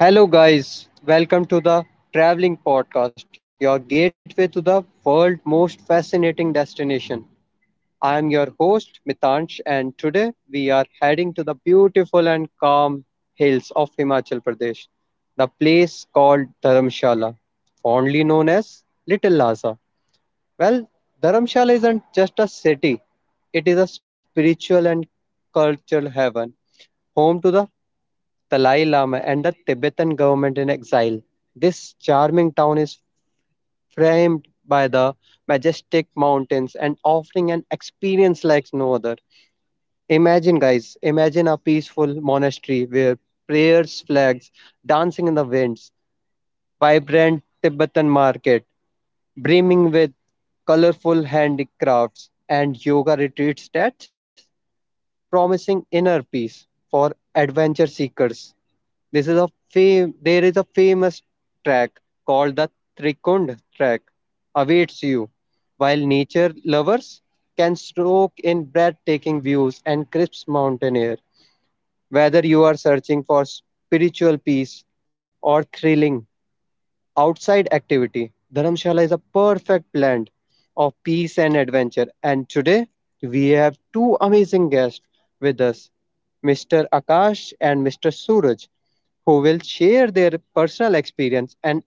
Hello, guys. Welcome to the Traveling Podcast, your gateway to the world's most fascinating destination. I am your host, Mitansh, and today we are heading to the beautiful and calm hills of Himachal Pradesh, the place called Dharamshala, fondly known as Little Lhasa. Well, Dharamshala isn't just a city, it is a spiritual and cultural heaven, home to the Dalai Lama and the Tibetan government in exile. This charming town is framed by the majestic mountains and offering an experience like no other. Imagine, guys, imagine a peaceful monastery where prayers, flags, dancing in the winds, vibrant Tibetan market, brimming with colorful handicrafts, and yoga retreats that promising inner peace for adventure seekers. This is a fam- There is a famous track called the Trikund track awaits you, while nature lovers can stroke in breathtaking views and crisp mountain air. Whether you are searching for spiritual peace or thrilling outside activity, Dharamshala is a perfect blend of peace and adventure. And today we have two amazing guests with us, Mr. Akash and Mr. Suraj, who will share their personal experience and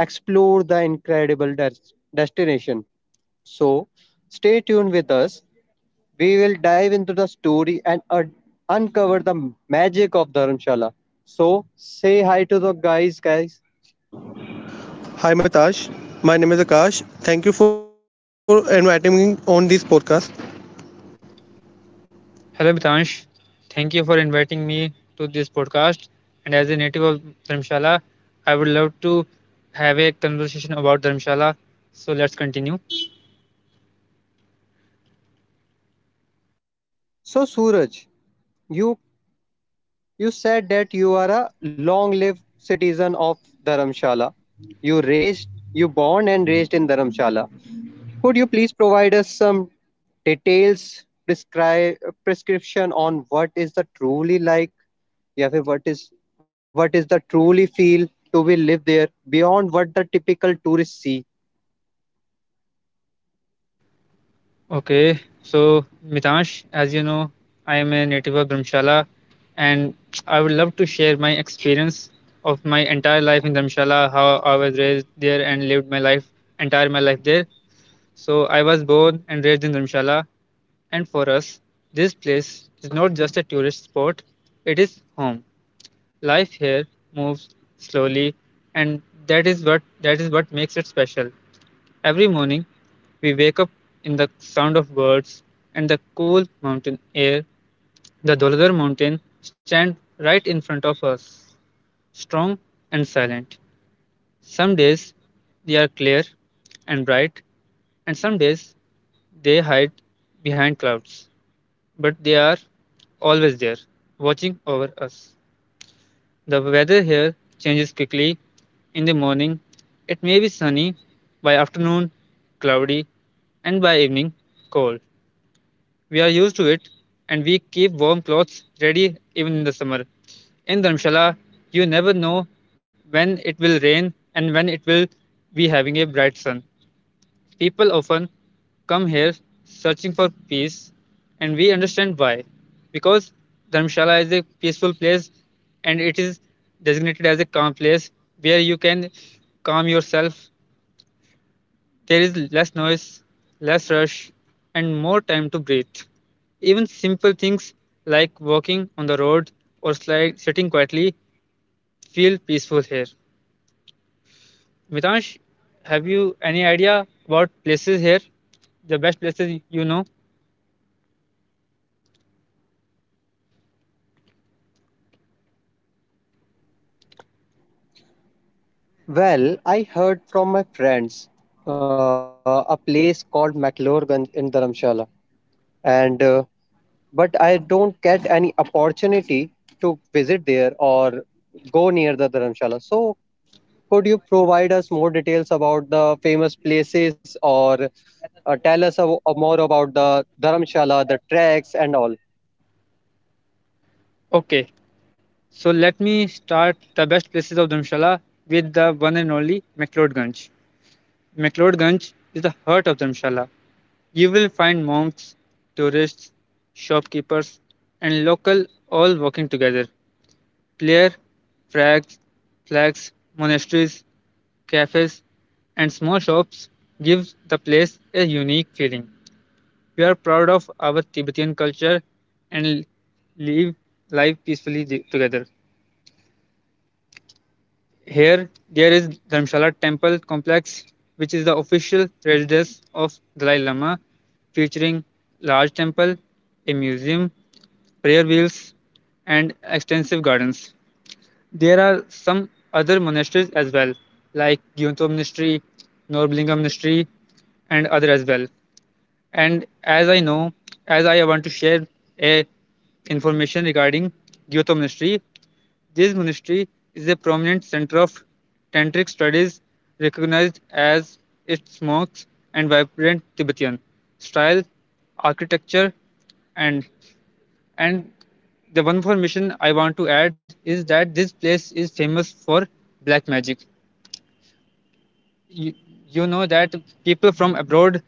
explore the incredible destination. So, stay tuned with us. We will dive into the story and uncover the magic of Dharamshala. So, say hi to the guys, guys. Hi, Mitash. My name is Akash. Thank you for inviting me on this podcast. Hello, Mitansh. Thank you for inviting me to this podcast. And as a native of Dharamshala, I would love to have a conversation about Dharamshala. So let's continue. So, Suraj, You you said that you are a long-lived citizen of Dharamshala. You born and raised in Dharamshala. Could you please provide us some details, prescribe prescription on what is the truly like? Yeah, फिर what is the truly feel to be live there beyond what the typical tourists see? Okay, so Mitansh, as you know, I am a native of Dharamshala and I would love to share my experience of my entire life in Dharamshala, how I was raised there and lived my life, entire my life there. So I was born and raised in Dharamshala. And for us, this place is not just a tourist spot, it is home. Life here moves slowly, and that is what makes it special. Every morning, we wake up in the sound of birds and the cool mountain air. The Doladar mountain stand right in front of us, strong and silent. Some days they are clear and bright, and some days they hide behind clouds, but they are always there, watching over us. The weather here changes quickly. In the morning, it may be sunny, by afternoon, cloudy, and by evening, cold. We are used to it and we keep warm clothes ready even in the summer. In Dharamshala, you never know when it will rain and when it will be having a bright sun. People often come here searching for peace, and we understand why. Because Dharamshala is a peaceful place and it is designated as a calm place where you can calm yourself. There is less noise, less rush, and more time to breathe. Even simple things like walking on the road or slide, sitting quietly feel peaceful here. Mitansh, have you any idea about places here? The best places you know? Well, I heard from my friends a place called McLoregan in Dharamshala, and but I don't get any opportunity to visit there or go near the Dharamshala. So, could you provide us more details about the famous places or tell us a more about the Dharamshala, the tracks, and all? Okay, so let me start the best places of Dharamshala with the one and only McLeodganj. McLeodganj is the heart of Dharamshala. You will find monks, tourists, shopkeepers, and local all working together. Clear flags, flags, monasteries, cafes, and small shops give the place a unique feeling. We are proud of our Tibetan culture and live life peacefully together. Here, there is Dharamshala Temple complex, which is the official residence of Dalai Lama, featuring large temple, a museum, prayer wheels, and extensive gardens. There are some other monasteries as well, like Gyonto Monastery, Norblingam Monastery, and other as well. And as I know, as I want to share a information regarding Gyonto Monastery, this monastery is a prominent center of tantric studies, recognized as its monks and vibrant Tibetan style, architecture, and and the one information I want to add is that this place is famous for black magic. You, you know that people from abroad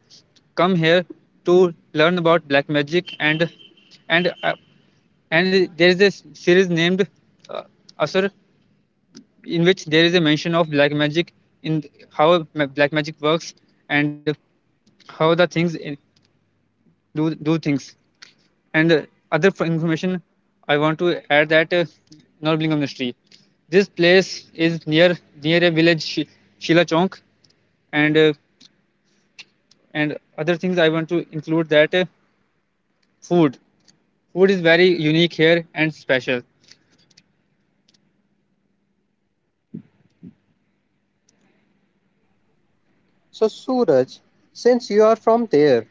come here to learn about black magic and uh, and there is a series named uh, Asur, in which there is a mention of black magic in black magic works and how the things do things, and information I want to add that Norblingam Mystery. This place is near a village Shila Chonk, and other things I want to include that food food is very unique here and special. So, Suraj, since you are from there,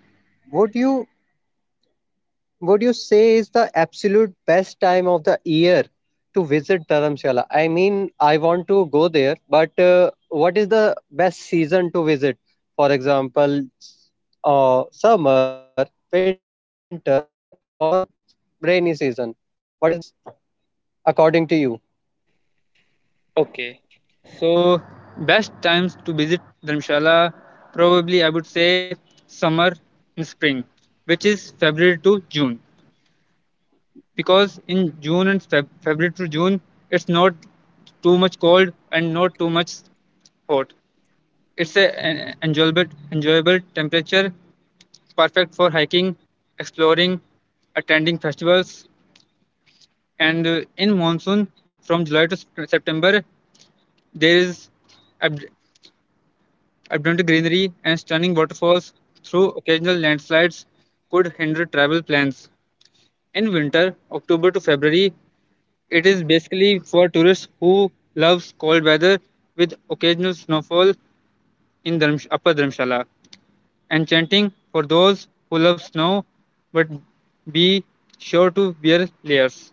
would you would you say is the absolute best time of the year to visit Dharamshala? I mean, I want to go there, but what is the best season to visit? For example, summer, winter, or rainy season? What is the best place according to you? Okay, so best times to visit Dharamshala probably I would say summer and spring, which is February to June, because in June and February to June it's not too much cold and not too much hot. It's a an enjoyable temperature, perfect for hiking, exploring, attending festivals, and in monsoon from July to September there is ab- Abundant greenery and stunning waterfalls, though occasional landslides could hinder travel plans. In winter, October to February, it is basically for tourists who loves cold weather with occasional snowfall in Upper Dharamshala. Enchanting for those who love snow, but be sure to wear layers.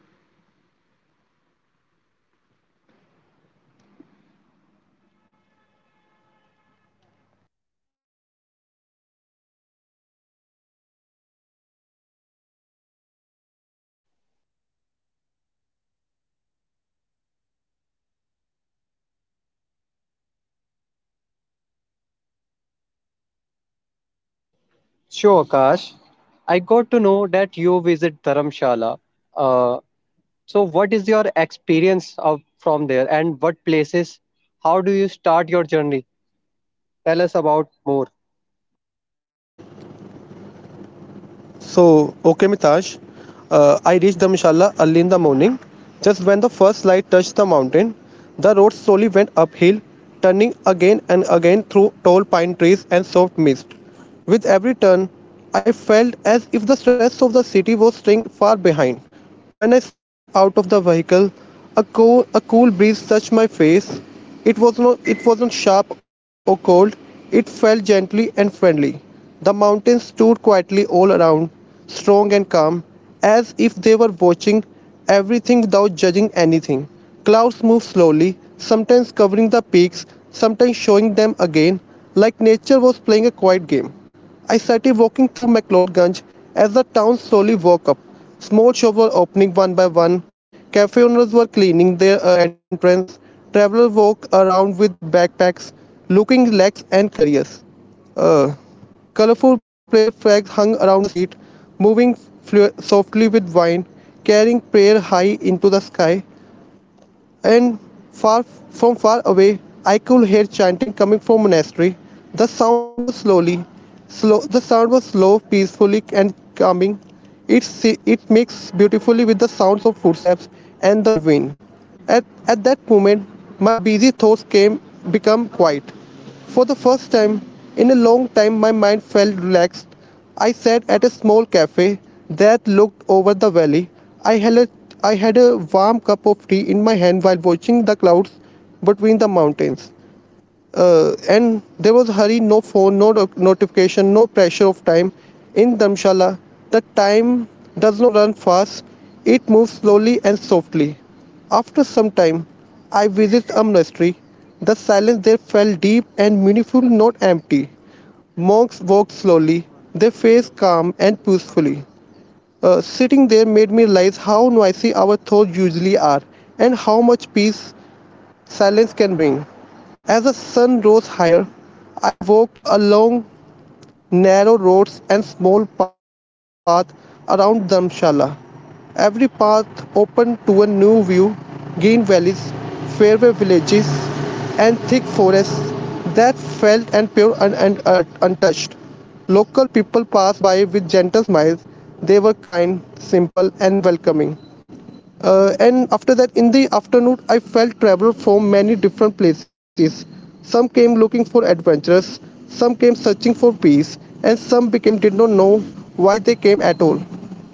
So, Akash, I got to know that you visited Dharam. So, Akash, I got to know that you visit Dharamshala. Uh, So, what is your experience of from there, and what places? How do you start your journey? Tell us about more. Okay, Mitash. I reached the Mishala early in the morning. Just when the first light touched the mountain, the road slowly went uphill, turning again and again through tall pine trees and soft mist. With every turn, I felt as if the stress of the city was staying far behind. When I stepped out of the vehicle, a cool breeze touched my face. It wasn't sharp or cold. It felt gently and friendly. The mountains stood quietly all around, strong and calm, as if they were watching everything without judging anything. Clouds moved slowly, sometimes covering the peaks, sometimes showing them again, like nature was playing a quiet game. I started walking through McLeodganj as the town slowly woke up. Small shops were opening one by one, cafe owners were cleaning their entrance, travelers walked around with backpacks, looking lax and curious. Uh, Colorful prayer flags hung around the street, moving softly with wind, carrying prayer high into the sky and far from far away I could hear chanting coming from monastery. The sound was slowly, slow. The sound was slow, peacefully and calming. It mixed beautifully with the sounds of footsteps and the wind. At that moment, my busy thoughts came become quiet. For the first time in a long time, my mind felt relaxed. I sat at a small cafe that looked over the valley. I had a, I had a warm cup of tea in my hand while watching the clouds between the mountains. And there was hurry, no phone, notification, no pressure of time. In Dharamshala, the time does not run fast, it moves slowly and softly. After some time, I visit a monastery. The silence there felt deep and meaningful, not empty. Monks walked slowly, their face calm and peacefully. Sitting there made me realize how noisy our thoughts usually are and how much peace silence can bring. As the sun rose higher, I walked along narrow roads and small paths around Dharamshala. Every path opened to a new view: green valleys, fairway villages, and thick forests that felt and pure and untouched. Local people passed by with gentle smiles. They were kind, simple, and welcoming. And after that, in the afternoon, I felt travel from many different places. Some came looking for adventures, some came searching for peace, and some became did not know why they came at all.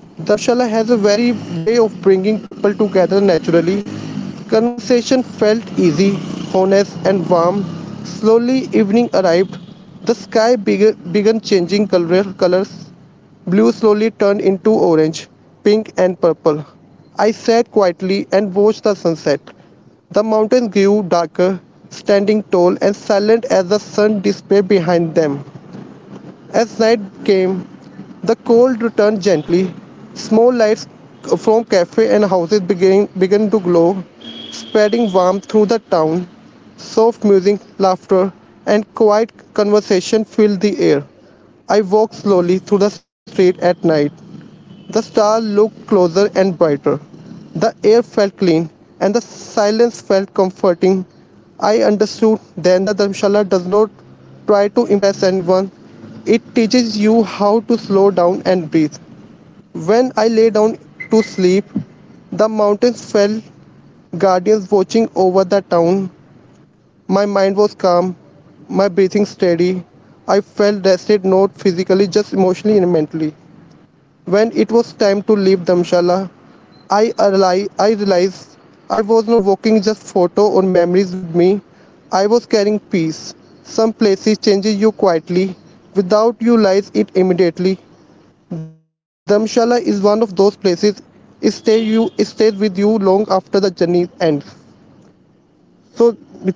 Damshala has a very way of bringing people together naturally. Conversation felt easy, honest, and warm. Slowly, evening arrived. Began changing colors. Blue slowly turned into orange, pink, and purple. I sat quietly and watched the sunset. The mountains grew darker, standing tall and silent as the sun disappeared behind them. As night came, the cold returned gently. Small lights from cafes and houses began to glow, spreading warmth through the town. Soft music, laughter, and quiet conversation filled the air. I walked slowly through the street at night, the stars looked closer and brighter. The air felt clean, and the silence felt comforting. I understood then that Dharamshala does not try to impress anyone. It teaches you how to slow down and breathe. When I lay down to sleep, the mountains felt guardians watching over the town. My mind was calm, my breathing steady. I felt rested not physically, just emotionally and mentally. When it was time to leave Dharamshala, I realized I was not walking just photo or memories with me. I was carrying peace. Some places changes you quietly, without you realize it immediately. Dharamshala is one of those places. It stays with you long after the journey ends. So, Mitash,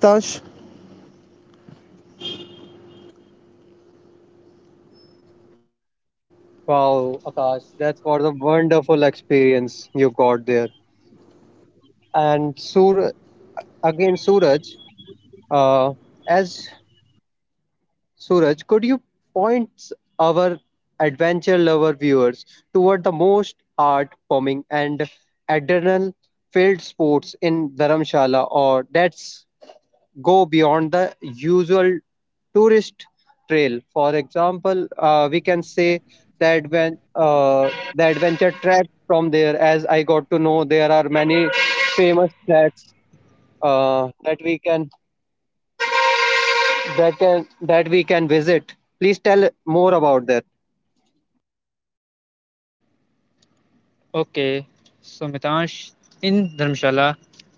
Wow, Akash, that's what a wonderful experience you got there. And Sur, Suraj, uh, as Suraj, could you point our adventure lover viewers toward the most heart-pumping and adrenaline-filled sports in Dharamshala, or that's go beyond the usual tourist trail. For example, we can say that when the adventure track from there, as I got to know, there are many famous tracks that we can that we can visit. Please tell more about that. Okay, so Mitansh, in Dharamshala,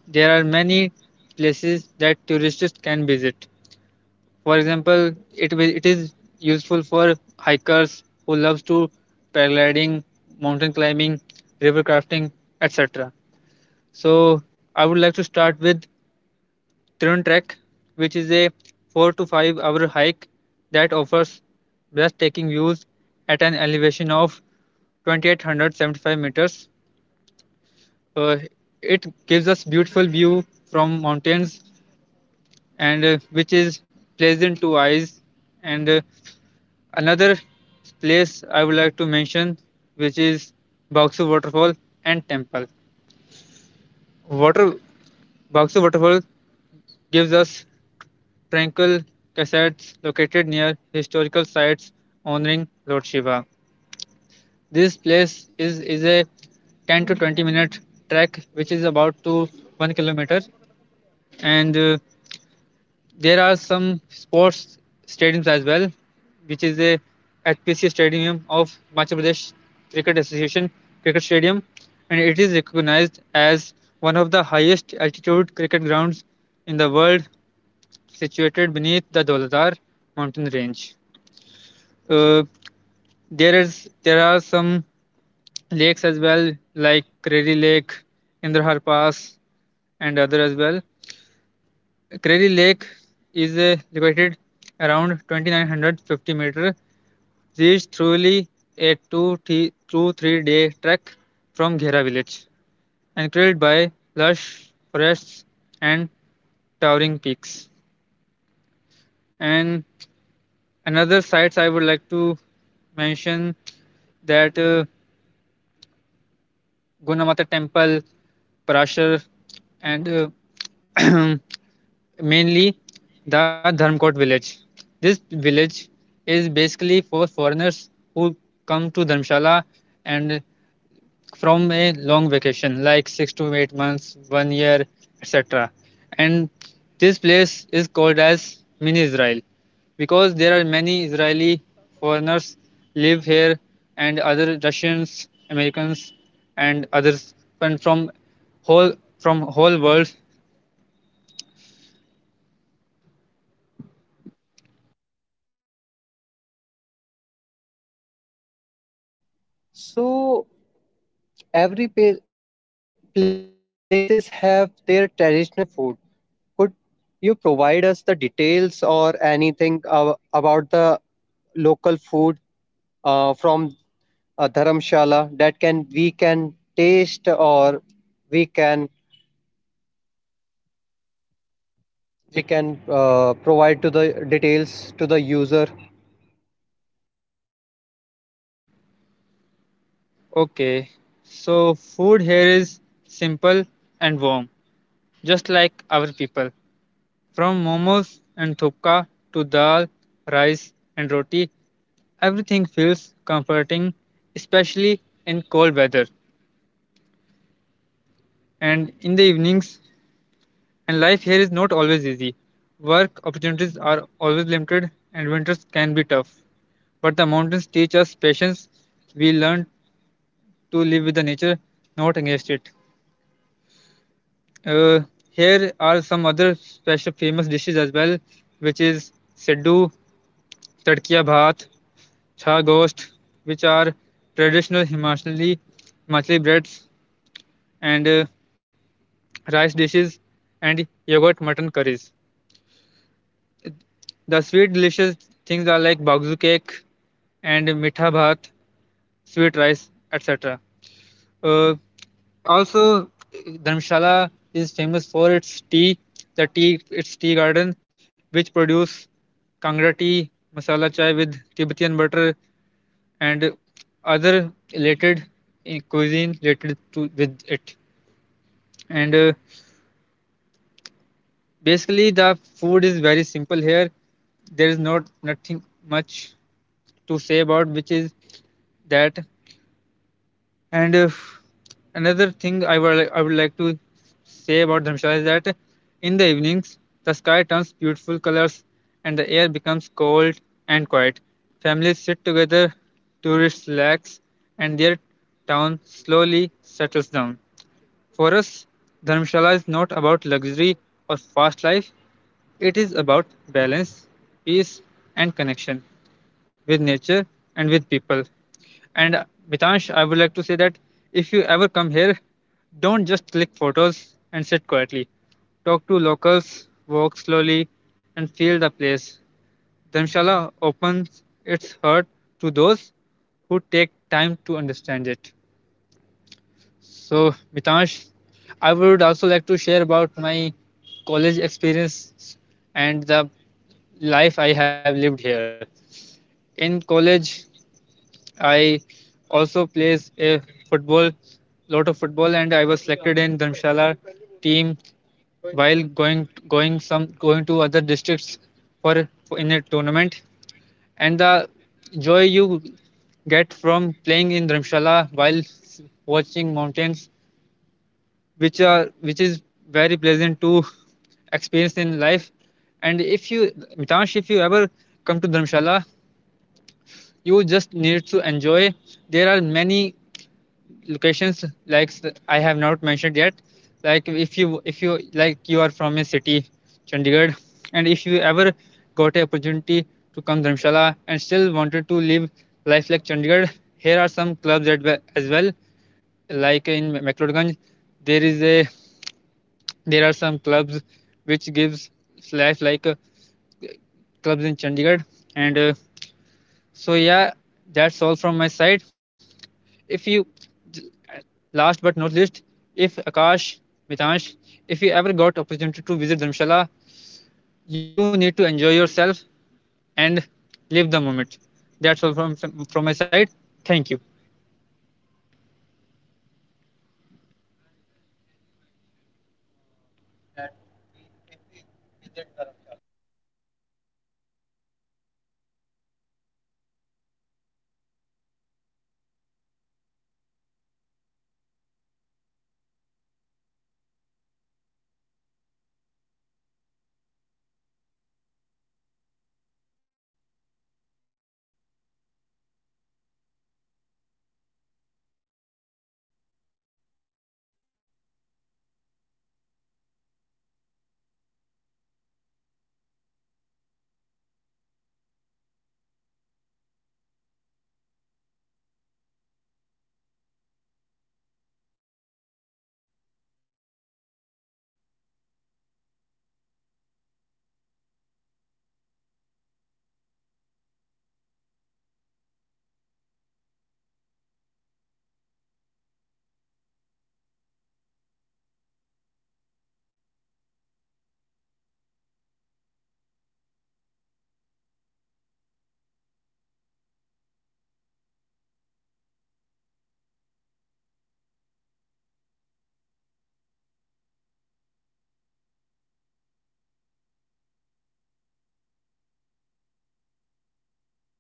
there are many places that tourists can visit. For example, it is useful for hikers who loves to paragliding, mountain climbing, river crafting, etc. So I would like to start with Trun Trek, which is a 4 to 5 hour hike that offers breathtaking views at an elevation of 2875 meters. Uh, it gives us beautiful view from mountains, and which is pleasant to eyes. And another place I would like to mention, which is Baksu Waterfall and Temple. Water Baksu Waterfall gives us tranquil cascades located near historical sites honoring Lord Shiva. This place is a 10 to 20 minute trek, which is about to 1 kilometer, and there are some sports stadiums as well, which is a HPC Stadium of Madhya Pradesh Cricket Association Cricket Stadium, and it is recognized as one of the highest altitude cricket grounds in the world, situated beneath the Dauladar mountain range. Uh, there are some lakes as well, like Crary Lake, Indrahar Pass, and other as well. Crary Lake is located around 2950 meters, reached through a 3 day trek from Ghera village, encircled by lush forests and towering peaks. And another sites I would like to mention that Gunamata Temple, Parashar, and mainly the Dharmkot village. This village is basically for foreigners who come to Dharamshala and from a long vacation, like 6 to 8 months, one year, etc. And this place is called as Mini Israel because there are many Israeli foreigners live here and other Russians, Americans, and others and whole from whole world. So places have their traditional food. Could you provide us the details or anything about the local food from a dharamshala that can we can taste or we can we can provide to the details to the user. Okay, so food here is simple and warm, just like our people. From momos and thupka to dal, rice, and roti, everything feels comforting, especially in cold weather and in the evenings. And life here is not always easy. Work opportunities are always limited, and winters can be tough. But the mountains teach us patience. We learn to live with the nature, not against it. Uh, Here are some other special famous dishes as well, which is siddu, tadkiya bhat, chha gosht, which are traditional Himachali breads and rice dishes and yogurt mutton curries. The sweet delicious things are like bagzu cake and mitha bhat, sweet rice, etc. Uh, Also, Dharamshala is famous for its tea, its tea garden, which produce Kangra tea, masala chai with Tibetan butter, and other related cuisine related to with it. And basically, the food is very simple here. There is not nothing much to say about, which is that. And another thing I would like to say about Dharamshala is that in the evenings the sky turns beautiful colors and the air becomes cold and quiet. Families sit together, tourists relax, and their town slowly settles down. For us, Dharamshala is not about luxury or fast life. It is about balance, peace, and connection with nature and with people. And Mitansh, I would like to say that if you ever come here, don't just click photos and sit quietly. Talk to locals, walk slowly, and feel the place. Dharamshala opens its heart to those who take time to understand it. So, Mitansh, I would also like to share about my college experience and the life I have lived here. In college, I also plays a football, lot of football, and I was selected in Dharamshala team while going to other districts for in a tournament. And the joy you get from playing in Dharamshala while watching mountains, which is very pleasant to experience in life. And if you, Mitansh, if you ever come to Dharamshala, you just need to enjoy. There are many locations like I have not mentioned yet. Like if you like you are from a city, Chandigarh, and if you ever got a opportunity to come Dharamshala and still wanted to live life like Chandigarh, here are some clubs at, as well. Like in McLeodganj, there is a there are some clubs which gives life like clubs in Chandigarh, and so yeah, that's all from my side. If you, Last but not least, if Akash, Mitansh, if you ever got opportunity to visit Dharamshala, you need to enjoy yourself and live the moment. That's all from my side. Thank you. Well, well, as you mentioned, that we if we visit Dharamshala, but let me tell you one thing that I am al already visited Dharamshala. You remind us of the moment of my visit just an year ago, sitting at Namgal Monastery, watching the monks debate in the courtyard. They, their energy is electric, yet perfectly calm. That is when it's hit me. Dharamshala isn't just just a place of you visit. It is a place that invites you to slow down and truly be present. Whether you are spinning prayers wheels at the Dharamshala at the Dalai Lama temple or spinning a hot cup butter tea at a cozy cafe, there is a sense of home here and that's the lingering long after you decide descend back to the into the valley. If you have been waiting for a sign to book and ticket, this is it. that's that's bring, Bring us to the end of today's episode on Dharamshala, India's very own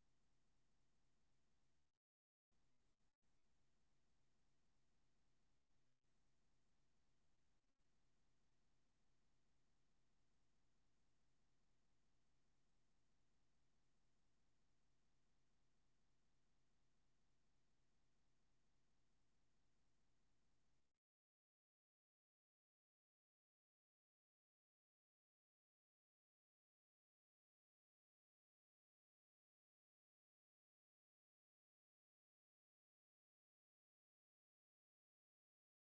last Laha. A big thank you to our guest, Mr. Akash and Mr. Suraj, for sharing their incredible experience on and insight about it. And Dharamshala is a truly destination that blends spiritual sites and adventure thrilling programs, making it a must visit for every travel. I'm your host, Mitansh, and signing off. You can See you in the next episode. Thank you.